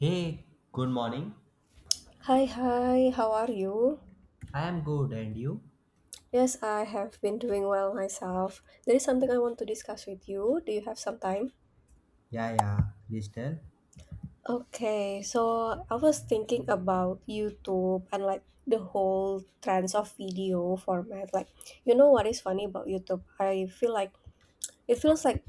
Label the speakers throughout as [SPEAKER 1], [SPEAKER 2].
[SPEAKER 1] Hey, good morning.
[SPEAKER 2] Hi, hi, how are you?
[SPEAKER 1] I am good, and you?
[SPEAKER 2] Yes, I have been doing well myself. There is something I want to discuss with you. Do you have some time?
[SPEAKER 1] Yeah, yeah, please tell.
[SPEAKER 2] Okay, so I was thinking about YouTube and like the whole trends of video format. Like, you know what is funny about YouTube? I feel like It feels like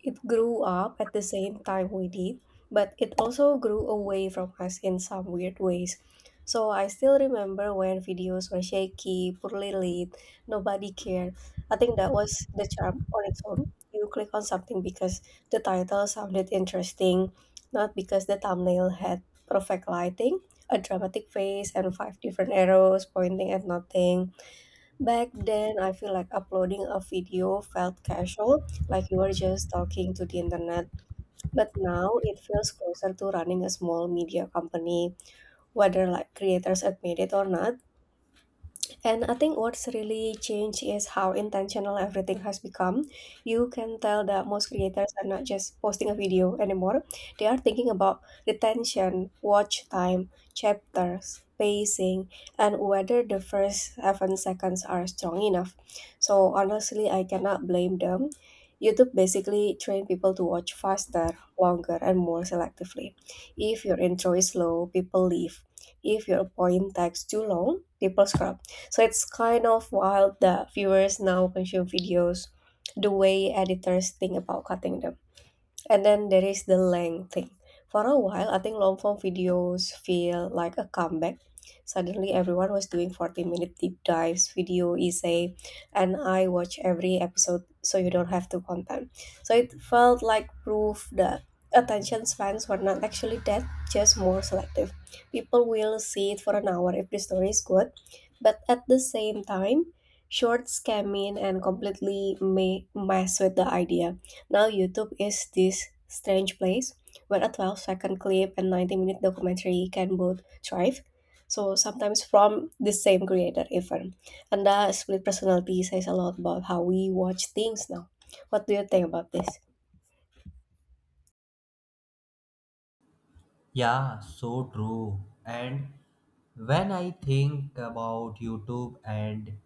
[SPEAKER 2] it grew up at the same time we did, but it also grew away from us in some weird ways. So I still remember when videos were shaky, poorly lit, nobody cared. I think that was the charm on its own. You click on something because the title sounded interesting, not because the thumbnail had perfect lighting, a dramatic face, and five different arrows pointing at nothing. Back then, I feel like uploading a video felt casual, like you were just talking to the internet. But now it feels closer to running a small media company, whether like creators admit it or not. And I think what's really changed is how intentional everything has become. You can tell that most creators are not just posting a video anymore, they are thinking about retention, watch time, chapters, pacing, and whether the first 7 seconds are strong enough. So, honestly, I cannot blame them. YouTube basically trained people to watch faster, longer, and more selectively. If your intro is slow, people leave. If your point takes too long, people scroll, so it's kind of wild that viewers now consume videos the way editors think about cutting them. And then there is the length thing. For a while, I think long form videos feel like a comeback. Suddenly, everyone was doing 40-minute deep dives, video essay, and I watch every episode so you don't have to content. So it felt like proof that attention spans were not actually dead, just more selective. People will see it for an hour if the story is good, but at the same time, shorts came in and completely mess with the idea. Now YouTube is this strange place where a 12-second clip and 90-minute documentary can both thrive. So sometimes from the same creator even. And that split personality says a lot about how we watch things now. What do you think about this?
[SPEAKER 1] Yeah, so true. And when I think about YouTube and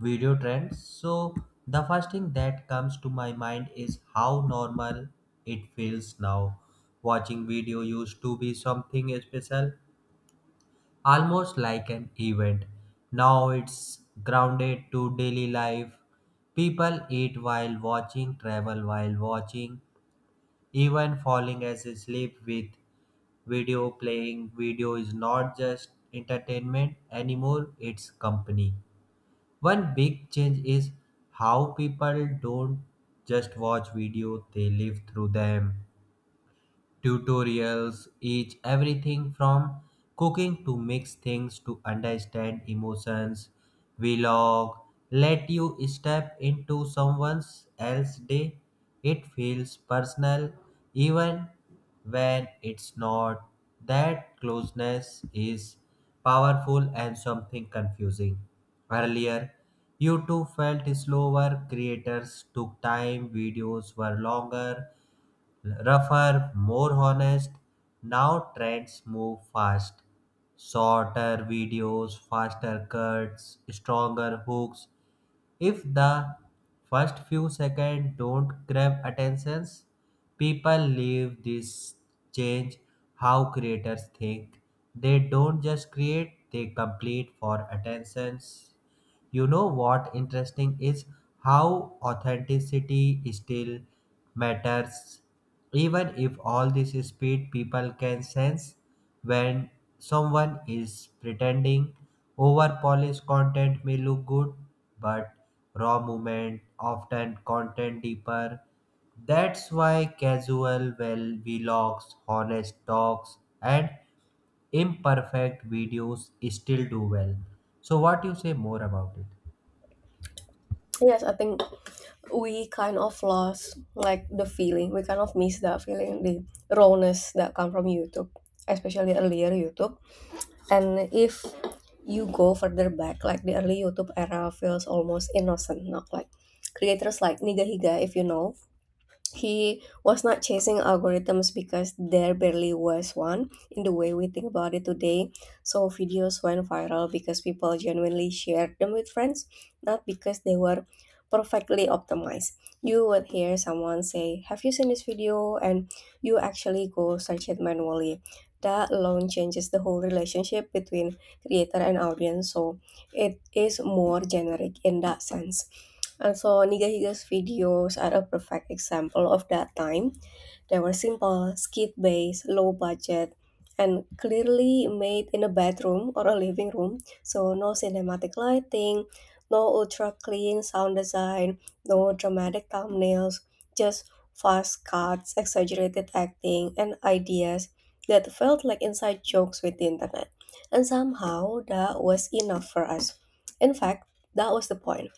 [SPEAKER 1] video trends, so the first thing that comes to my mind is how normal it feels now. Watching video used to be something special, almost like an event. Now it's grounded to daily life. People eat while watching, travel while watching, even falling asleep with video playing. Video is not just entertainment anymore, it's company. One big change is how people don't just watch video, they live through them tutorials each everything from cooking to mix things to understand emotions. Vlog let you step into someone else's day. It feels personal even when it's not. That closeness is powerful and something confusing. Earlier, YouTube felt slower, creators took time, videos were longer, rougher, more honest. Now trends move fast. Shorter videos, faster cuts, stronger hooks. If the first few seconds don't grab attentions, people leave this change how creators think. They don't just create, they complete for attentions. You know what interesting is how authenticity still matters. Even if all this speed people can sense when someone is pretending over polished content may look good, but raw movement often content deeper. That's why casual well vlogs, honest talks, and imperfect videos still do well. So what you say more about it?
[SPEAKER 2] Yes, I think we kind of lost like the feeling. We kind of miss that feeling, the rawness that come from YouTube, especially earlier YouTube. And if you go further back, like the early YouTube era feels almost innocent, not like creators like Nigahiga, if you know, he was not chasing algorithms because there barely was one in the way we think about it today. So videos went viral because people genuinely shared them with friends, not because they were perfectly optimized. You would hear someone say, "Have you seen this video?" And you actually go search it manually. That alone changes the whole relationship between creator and audience. So it is more generic in that sense. And so Nigahiga's videos are a perfect example of that time. They were simple, skit-based, low budget, and clearly made in a bedroom or a living room. So no cinematic lighting, no ultra clean sound design, no dramatic thumbnails, just fast cuts, exaggerated acting, and ideas that felt like inside jokes with the internet. And somehow that was enough for us. In fact, that was the point.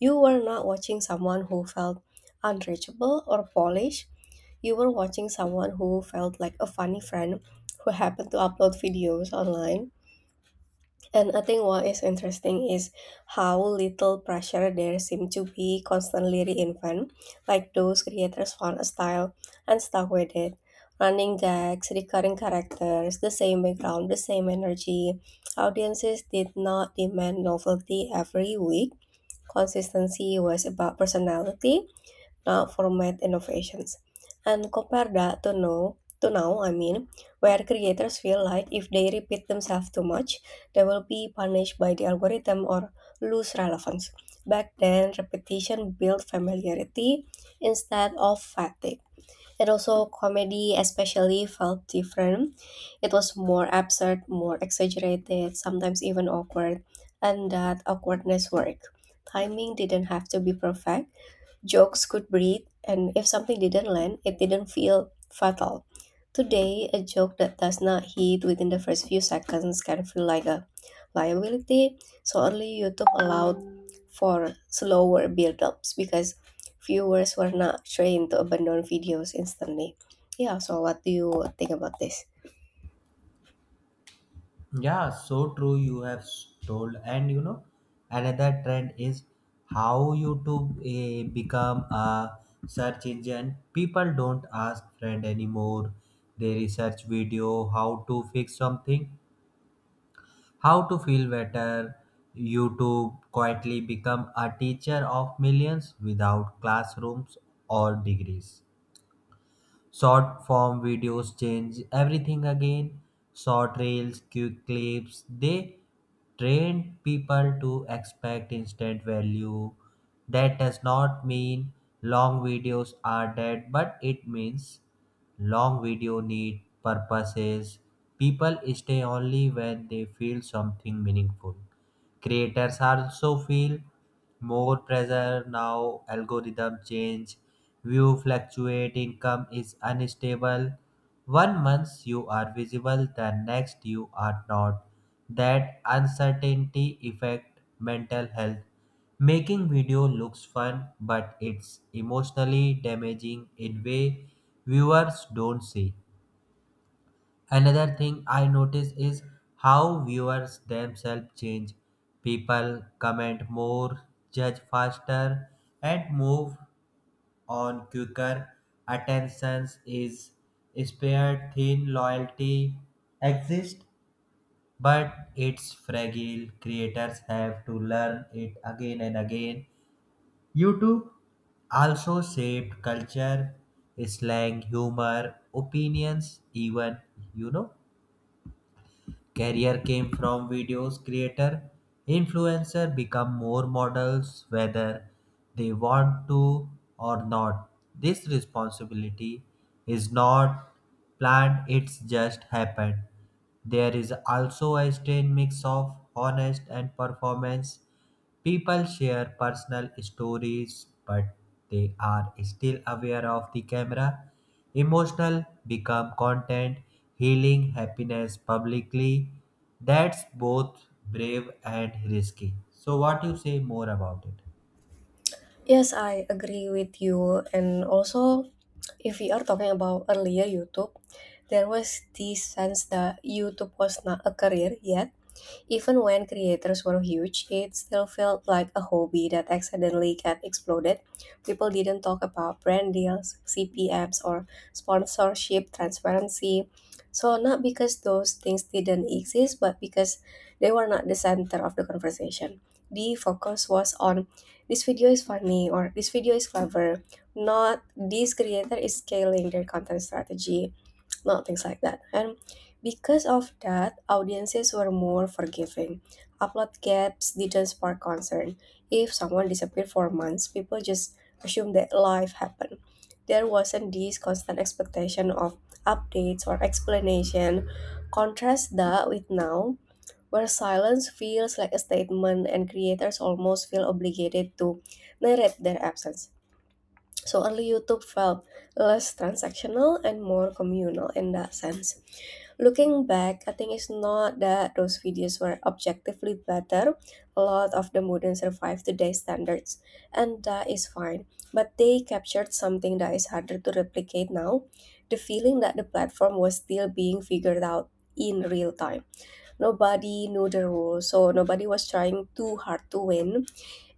[SPEAKER 2] You were not watching someone who felt unreachable or polished. You were watching someone who felt like a funny friend who happened to upload videos online. And I think what is interesting is how little pressure there seemed to be constantly reinvent. Like those creators found a style and stuck with it. Running gags, recurring characters, the same background, the same energy. Audiences did not demand novelty every week. Consistency was about personality, not format innovations. And compare that to now, I mean, where creators feel like if they repeat themselves too much, they will be punished by the algorithm or lose relevance. Back then, repetition built familiarity instead of fatigue. And also, comedy especially felt different. It was more absurd, more exaggerated, sometimes even awkward, and that awkwardness worked. Timing didn't have to be perfect. Jokes could breathe, and if something didn't land, it didn't feel fatal. Today, a joke that does not hit within the first few seconds can feel like a liability, so only YouTube allowed for slower build-ups because viewers were not trained to abandon videos instantly. Yeah, so what do you think about this?
[SPEAKER 1] Yeah, so true. You have told, and you know, another trend is how YouTube become a search engine. People don't ask friend anymore. They research video, how to fix something, how to feel better. YouTube quietly become a teacher of millions without classrooms or degrees. Short form videos change everything again. Short reels, quick clips, they trained people to expect instant value. That does not mean long videos are dead, but it means long video need purposes. People stay only when they feel something meaningful creators also feel more pressure now algorithm change view fluctuate income is unstable one month you are visible the next you are not that uncertainty affect mental health making video looks fun but it's emotionally damaging in way viewers don't see. Another thing I notice is how viewers themselves change. People comment more, judge faster, and move on quicker. Attentions is spared, thin loyalty exists, but it's fragile. Creators have to learn it again and again. YouTube also shaped culture, slang, humor, opinions, even you know career came from videos creator, influencer become more models whether they want to or not. This responsibility is not planned, it's just happened. There is also a strange mix of honest and performance. People share personal stories, but they are still aware of the camera. Emotional become content, healing happiness publicly. That's both brave and risky. So, what you say more about it?
[SPEAKER 2] Yes, I agree with you. And also, if we are talking about earlier YouTube, there was this sense that YouTube was not a career yet. Even when creators were huge, it still felt like a hobby that accidentally got exploded. People didn't talk about brand deals, CPMs, or sponsorship transparency. So, not because those things didn't exist, but because they were not the center of the conversation. The focus was on, this video is funny or this video is clever, not this creator is scaling their content strategy, not things like that. And because of that, audiences were more forgiving. Upload gaps didn't spark concern. If someone disappeared for months, people just assumed that life happened. There wasn't this constant expectation of updates or explanation. Contrast that with now, where silence feels like a statement and creators almost feel obligated to narrate their absence. So early YouTube felt less transactional and more communal in that sense. Looking back, I think it's not that those videos were objectively better. A lot of them wouldn't survive today's standards, and that is fine. But they captured something that is harder to replicate now, the feeling that the platform was still being figured out in real time. Nobody knew the rules, so nobody was trying too hard to win.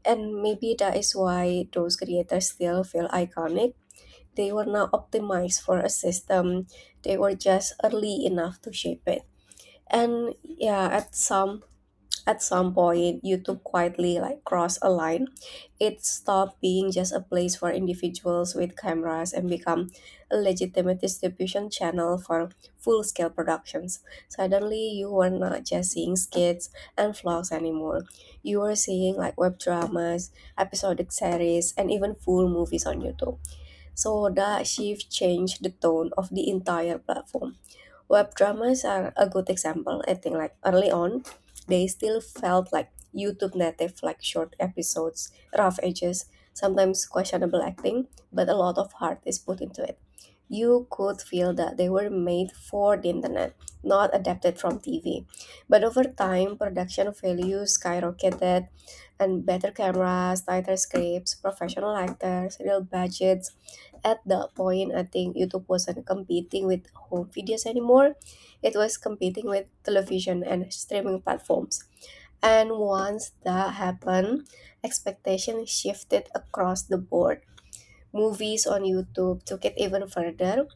[SPEAKER 2] And maybe that is why those creators still feel iconic. They were not optimized for a system, they were just early enough to shape it. And yeah, at some point, YouTube quietly like crossed a line. It stopped being just a place for individuals with cameras and become a legitimate distribution channel for full-scale productions. Suddenly, you were not just seeing skits and vlogs anymore. You were seeing like web dramas, episodic series, and even full movies on YouTube. So that shift changed the tone of the entire platform. Web dramas are a good example. I think like early on, they still felt like YouTube native, like short episodes, rough edges, sometimes questionable acting, but a lot of heart is put into it. You could feel that they were made for the internet, not adapted from TV. But over time, production value skyrocketed, and better cameras, tighter scripts, professional actors, real budgets, at that point, I think YouTube wasn't competing with home videos anymore. It was competing with television and streaming platforms. And once that happened, expectations shifted across the board. Movies on YouTube took it even further.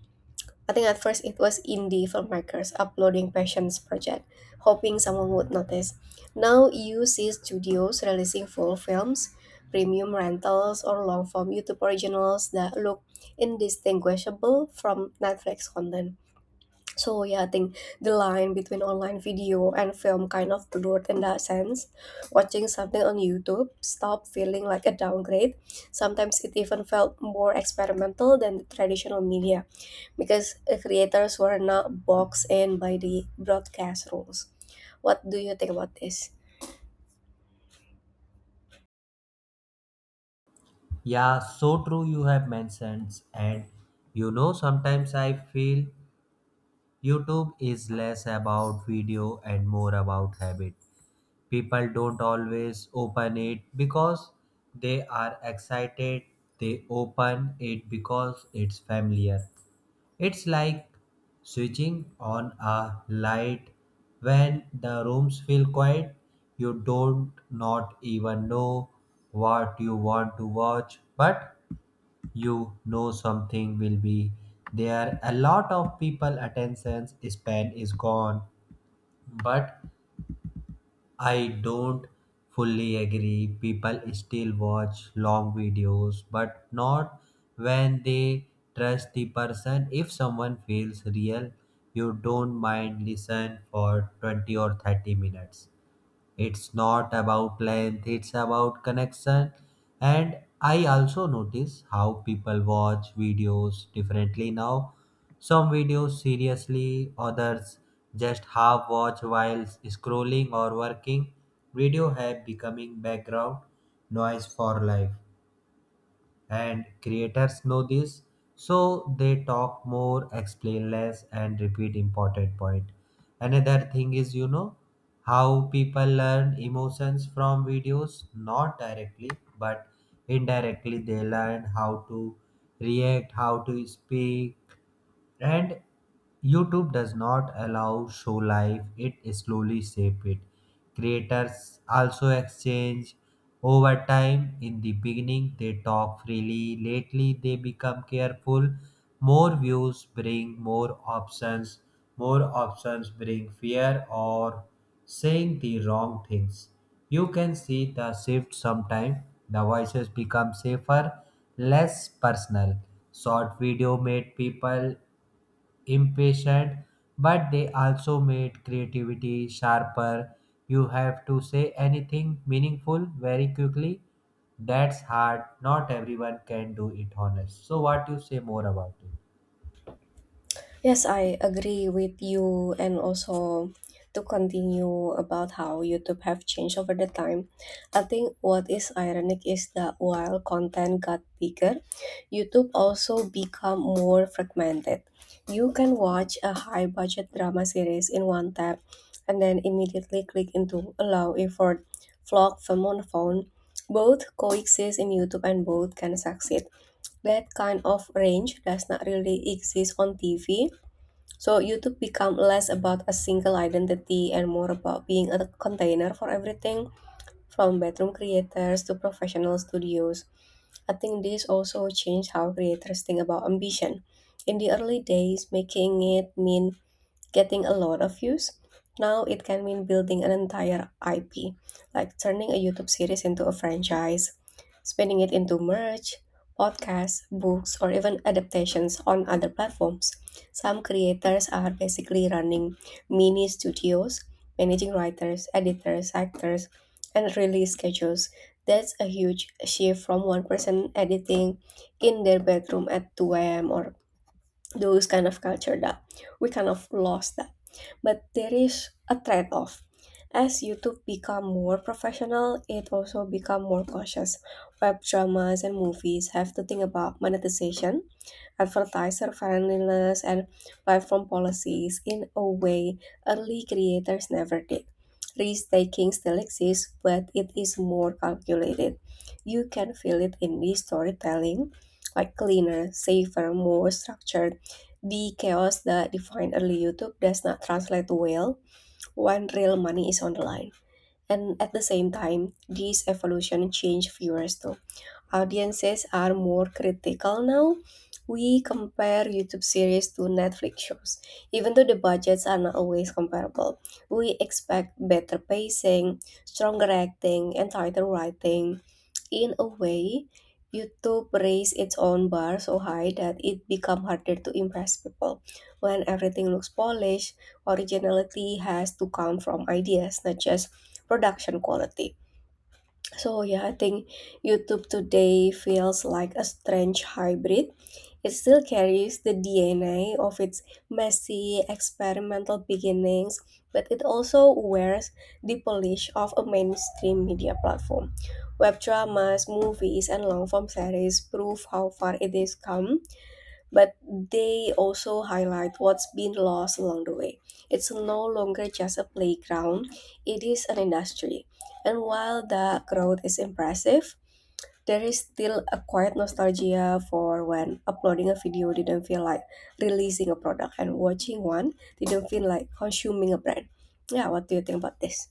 [SPEAKER 2] I think at first it was indie filmmakers uploading passions project, hoping someone would notice. Now you see studios releasing full films, premium rentals, or long form YouTube originals that look indistinguishable from Netflix content. So yeah, I think the line between online video and film kind of blurred in that sense. Watching something on YouTube stopped feeling like a downgrade. Sometimes it even felt more experimental than the traditional media because the creators were not boxed in by the broadcast rules. What do you think about this?
[SPEAKER 1] Yeah, so true. You have mentioned, and you know, sometimes I feel YouTube is less about video and more about habit. People don't always open it because they are excited, they open it because it's familiar. It's like switching on a light when the rooms feel quiet. You don't not even know what you want to watch, but you know something will be there. A lot of people attention span is gone, but I don't fully agree. People still watch long videos, but not when they trust the person. If someone feels real, you don't mind listen for 20 or 30 minutes. It's not about length, it's about connection. And I also notice how people watch videos differently now. Some videos seriously, others just half watch while scrolling or working. Video have becoming background noise for life and creators know this, so they talk more explain less and repeat important point. Another thing is, you know, how people learn emotions from videos not directly but indirectly. They learn how to react, how to speak, and YouTube does not allow show life, it slowly shape it. Creators also exchange over time. In the beginning they talk freely, lately they become careful. More views bring more options, more options bring fear or saying the wrong things. You can see the shift sometime, the voices become safer, less personal. Short video made people impatient, but they also made creativity sharper. You have to say anything meaningful very quickly. That's hard. Not everyone can do it honest. So what you say more about it?
[SPEAKER 2] Yes, I agree with you, and also to continue about how YouTube have changed over the time. I think what is ironic is that while content got bigger, YouTube also become more fragmented. You can watch a high budget drama series in one tap and then immediately click into allow effort vlog film on phone. Both coexist in YouTube and both can succeed. That kind of range does not really exist on TV, so YouTube become less about a single identity and more about being a container for everything, from bedroom creators to professional studios. I think this also changed how creators think about ambition. In the early days, making it mean getting a lot of views. Now it can mean building an entire IP, like turning a YouTube series into a franchise, spinning it into merch, podcasts, books, or even adaptations on other platforms. Some creators are basically running mini studios, managing writers, editors, actors, and release schedules. That's a huge shift from one person editing in their bedroom at 2 a.m. Or those kind of culture that we kind of lost that. But there is a trade-off. As YouTube become more professional, it also become more cautious. Web dramas and movies have to think about monetization, advertiser friendliness, and platform policies in a way early creators never did. Risk taking still exists, but it is more calculated. You can feel it in the storytelling, like cleaner, safer, more structured. The chaos that defined early YouTube does not translate well when real money is on the line. And at the same time, this evolution changed viewers too. Audiences are more critical now. We compare YouTube series to Netflix shows, even though the budgets are not always comparable. We expect better pacing, stronger acting, and tighter writing. In a way, YouTube raised its own bar so high that it became harder to impress people. When everything looks polished, originality has to come from ideas, not just production quality. So yeah, I think YouTube today feels like a strange hybrid. It still carries the DNA of its messy experimental beginnings, but it also wears the polish of a mainstream media platform. Web dramas, movies, and long form series prove how far it has come, but they also highlight what's been lost along the way. It's no longer just a playground, it is an industry. And while the growth is impressive, there is still a quiet nostalgia for when uploading a video didn't feel like releasing a product and watching one didn't feel like consuming a brand. Yeah, what do you think about this?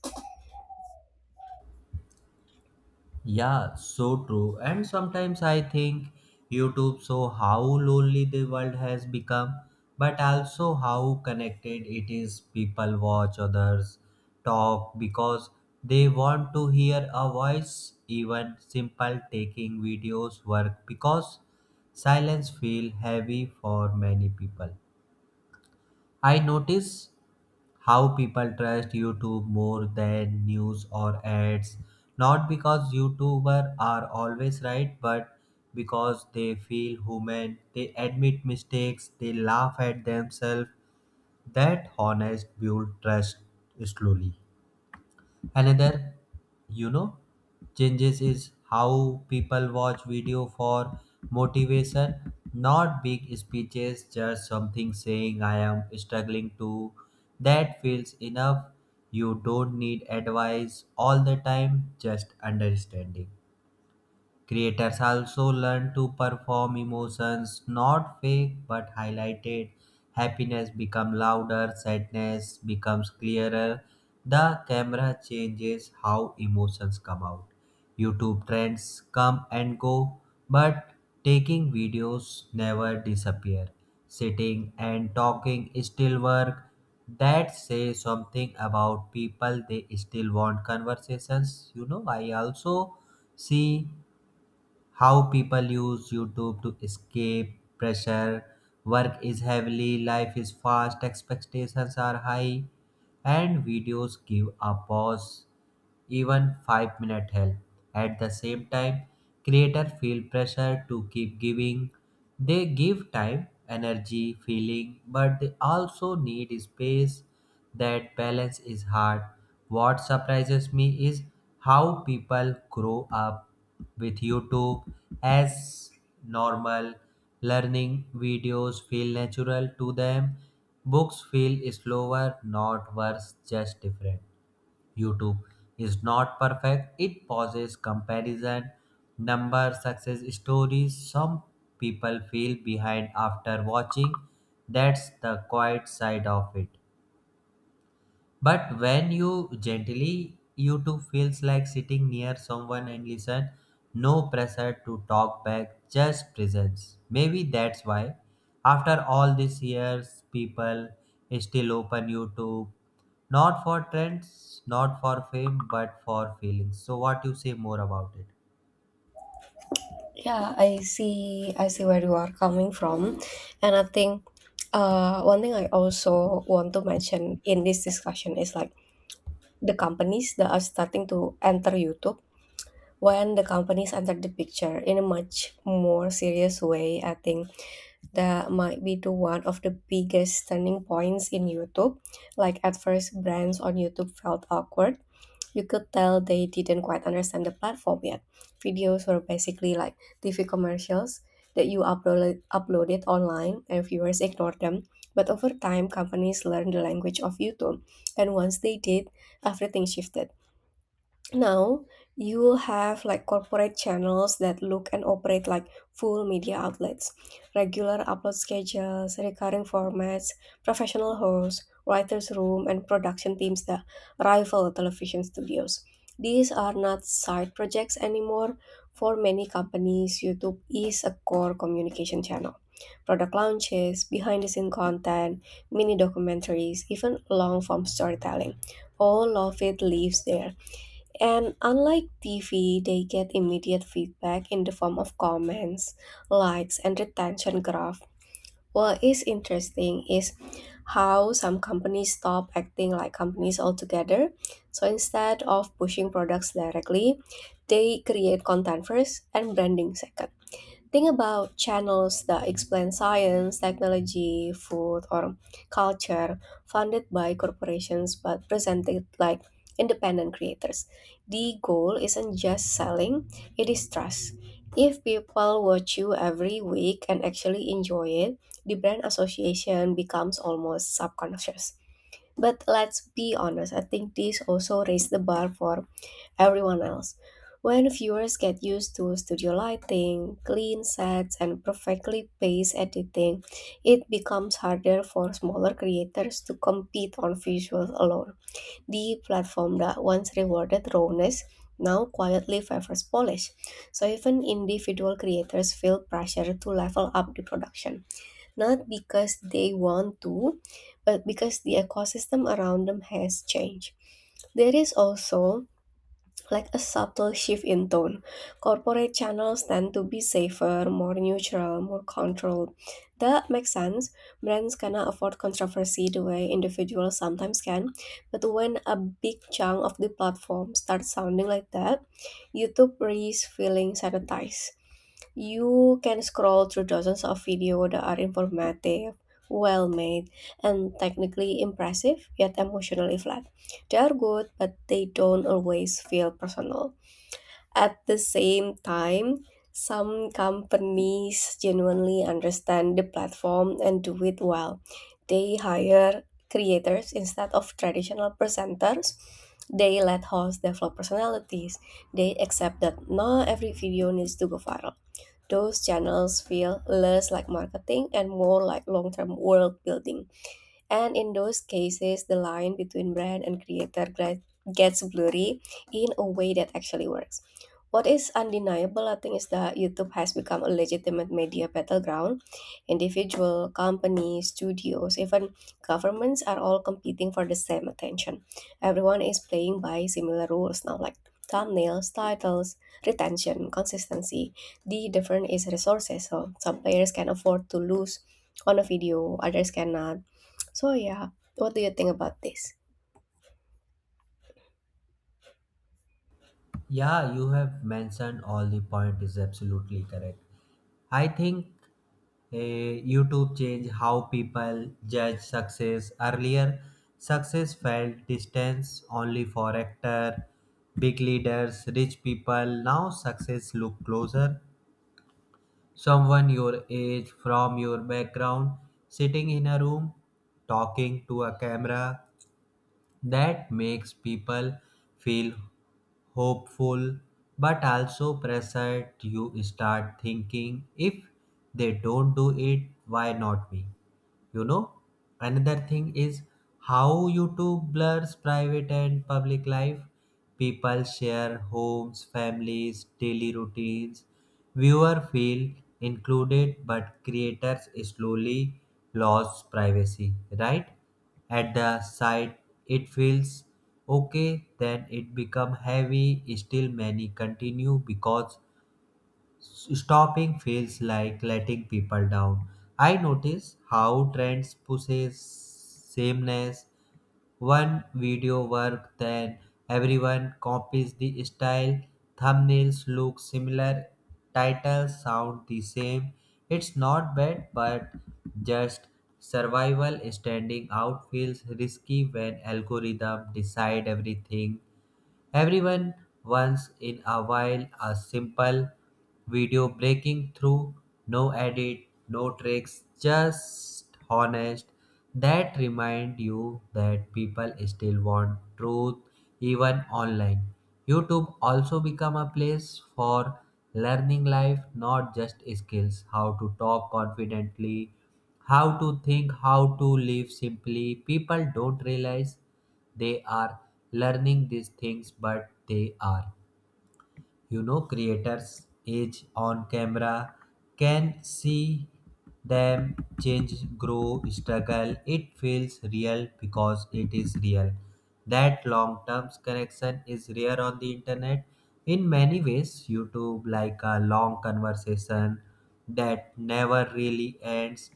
[SPEAKER 1] Yeah, so true. And sometimes I think YouTube show how lonely the world has become, but also how connected it is. People watch others talk because they want to hear a voice. Even simple taking videos work because silence feel heavy for many people. I notice how people trust YouTube more than news or ads. Not because YouTubers are always right, but because they feel human, they admit mistakes, they laugh at themselves. That honest build trust slowly. Another, you know, changes is how people watch video for motivation, not big speeches, just something saying I am struggling to. That feels enough. You don't need advice all the time, just understanding. Creators also learn to perform emotions not fake but highlighted. Happiness becomes louder, sadness becomes clearer. The camera changes how emotions come out. YouTube trends come and go, but taking videos never disappear. Sitting and talking still work. That say something about people. They still want conversations. You know, I also see how people use YouTube to escape pressure. Work is heavily, life is fast, expectations are high, and videos give a pause even 5-minute help. At the same time, creators feel pressure to keep giving. They give time, energy, feeling, but they also need space. That balance is hard. What surprises me is how people grow up with YouTube as normal. Learning videos feel natural to them. Books feel slower, not worse, just different. YouTube is not perfect. It pauses comparison, number, success stories. Some people feel behind after watching. That's the quiet side of it. But when you gently, you too feels like sitting near someone and listen. No pressure to talk back, just presence. Maybe that's why, after all these years, people still open YouTube, not for trends, not for fame, but for feelings. So, what you say more about it?
[SPEAKER 2] Yeah, I see. I see where you are coming from, and I think one thing I also want to mention in this discussion is like the companies that are starting to enter YouTube. When the companies entered the picture in a much more serious way, I think that might be to one of the biggest turning points in YouTube. Like at first, brands on YouTube felt awkward. You could tell they didn't quite understand the platform yet. Videos were basically like TV commercials that uploaded online and viewers ignored them. But over time, companies learned the language of YouTube. And once they did, everything shifted. Now you have like corporate channels that look and operate like full media outlets, regular upload schedules, recurring formats, professional hosts, writers' room, and production teams that rival television studios. These are not side projects anymore. For many companies, YouTube is a core communication channel. Product launches, behind the scene content, mini documentaries, even long form storytelling. All of it lives there, and unlike TV, they get immediate feedback in the form of comments, likes, and retention graph. What is interesting is how some companies stop acting like companies altogether. So instead of pushing products directly, they create content first and branding second. Think about channels that explain science, technology, food, or culture funded by corporations but presented like independent creators. The goal isn't just selling, it is trust. If people watch you every week and actually enjoy it, the brand association becomes almost subconscious. But let's be honest, I think this also raised the bar for everyone else. When viewers get used to studio lighting, clean sets, and perfectly paced editing, it becomes harder for smaller creators to compete on visuals alone. The platform that once rewarded rawness now quietly favors polish. So even individual creators feel pressure to level up the production, not because they want to, but because the ecosystem around them has changed. There is also like a subtle shift in tone. Corporate channels tend to be safer, more neutral, more controlled. That makes sense. Brands cannot afford controversy the way individuals sometimes can. But when a big chunk of the platform starts sounding like that, YouTube risks feeling sanitized. You can scroll through dozens of videos that are informative, well made, and technically impressive, yet emotionally flat. They are good, but they don't always feel personal. At the same time, some companies genuinely understand the platform and do it well. They hire creators instead of traditional presenters. They let hosts develop personalities. They accept that not every video needs to go viral. Those channels feel less like marketing and more like long term world building. And in those cases, the line between brand and creator gets blurry in a way that actually works. What is undeniable, I think, is that YouTube has become a legitimate media battleground. Individual, companies, studios, even governments are all competing for the same attention. Everyone is playing by similar rules now, like thumbnails, titles, retention, consistency. The difference is resources. So some players can afford to lose on a video, others cannot. So yeah, what do you think about this?
[SPEAKER 1] Yeah, you have mentioned all the point is absolutely correct. I think YouTube changed how people judge success. Earlier, success felt distance only for actor, big leaders, rich people. Now success look closer. Someone your age, from your background, sitting in a room, talking to a camera. That makes people feel hopeful but also pressured. You start thinking, if they don't do it, why not me? You know, another thing is how YouTube blurs private and public life. People share homes, families, daily routines. Viewer feel included, but creators slowly lose privacy. Right at the site it feels okay, then it become heavy. Still many continue because stopping feels like letting people down. I notice how trends pushes sameness. One video work, then everyone copies the style. Thumbnails look similar, titles sound the same. It's not bad, but just survival. Standing out feels risky when algorithm decide everything. Everyone once in a while a simple video breaking through, no edit, no tricks, just honest. That remind you that people still want truth even online. YouTube also become a place for learning life, not just skills, how to talk confidently, how to think, how to live simply. People don't realize they are learning these things, but they are. You know, creators age on camera, can see them change, grow, struggle, it feels real because it is real. That long term connection is rare on the internet. In many ways YouTube like a long conversation that never really ends.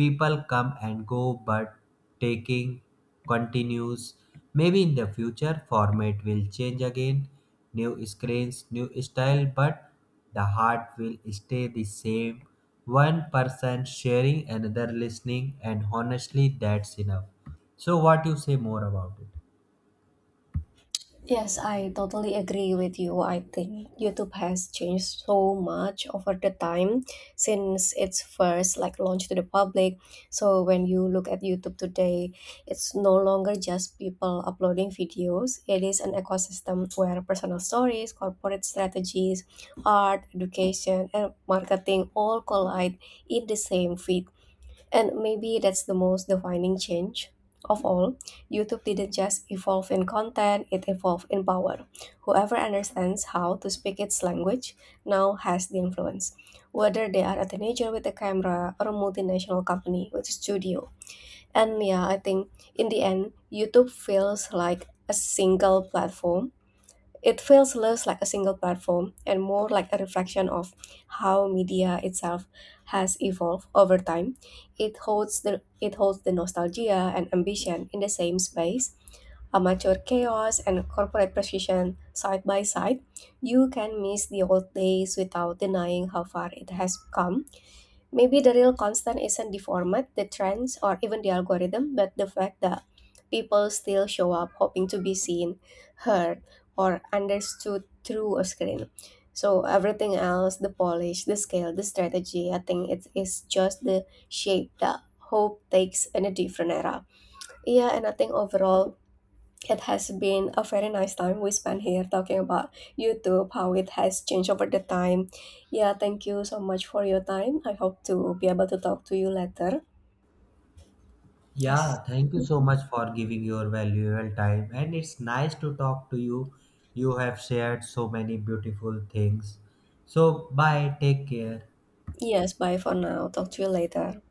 [SPEAKER 1] People come and go, but taking continues. Maybe in the future format will change again. New screens, new style, but the heart will stay the same. One person sharing, another listening, and honestly, that's enough. So, what you say more about it?
[SPEAKER 2] Yes, I totally agree with you. I think YouTube has changed so much over the time since its first like launch to the public. So when you look at YouTube today, it's no longer just people uploading videos. It is an ecosystem where personal stories, corporate strategies, art, education, and marketing all collide in the same feed. And maybe that's the most defining change of all. YouTube didn't just evolve in content, it evolved in power. Whoever understands how to speak its language now has the influence, whether they are a teenager with a camera or a multinational company with a studio. And yeah, I think in the end, YouTube feels like a single platform. It feels less like a single platform and more like a reflection of how media itself has evolved over time. It holds the nostalgia and ambition in the same space. Amateur chaos and corporate precision side by side. You can miss the old days without denying how far it has come. Maybe the real constant isn't the format, the trends, or even the algorithm, but the fact that people still show up hoping to be seen, heard, or understood through a screen. So everything else, the polish, the scale, the strategy, I think it is just the shape that hope takes in a different era. Yeah, and I think overall it has been a very nice time we spent here talking about YouTube, how it has changed over the time. Yeah, thank you so much for your time. I hope to be able to talk to you later.
[SPEAKER 1] Yeah,
[SPEAKER 2] Yes.
[SPEAKER 1] thank you so much for giving your valuable time, and it's nice to talk to you. You have shared so many beautiful things. So, bye, take care.
[SPEAKER 2] Yes, bye for now. Talk to you later.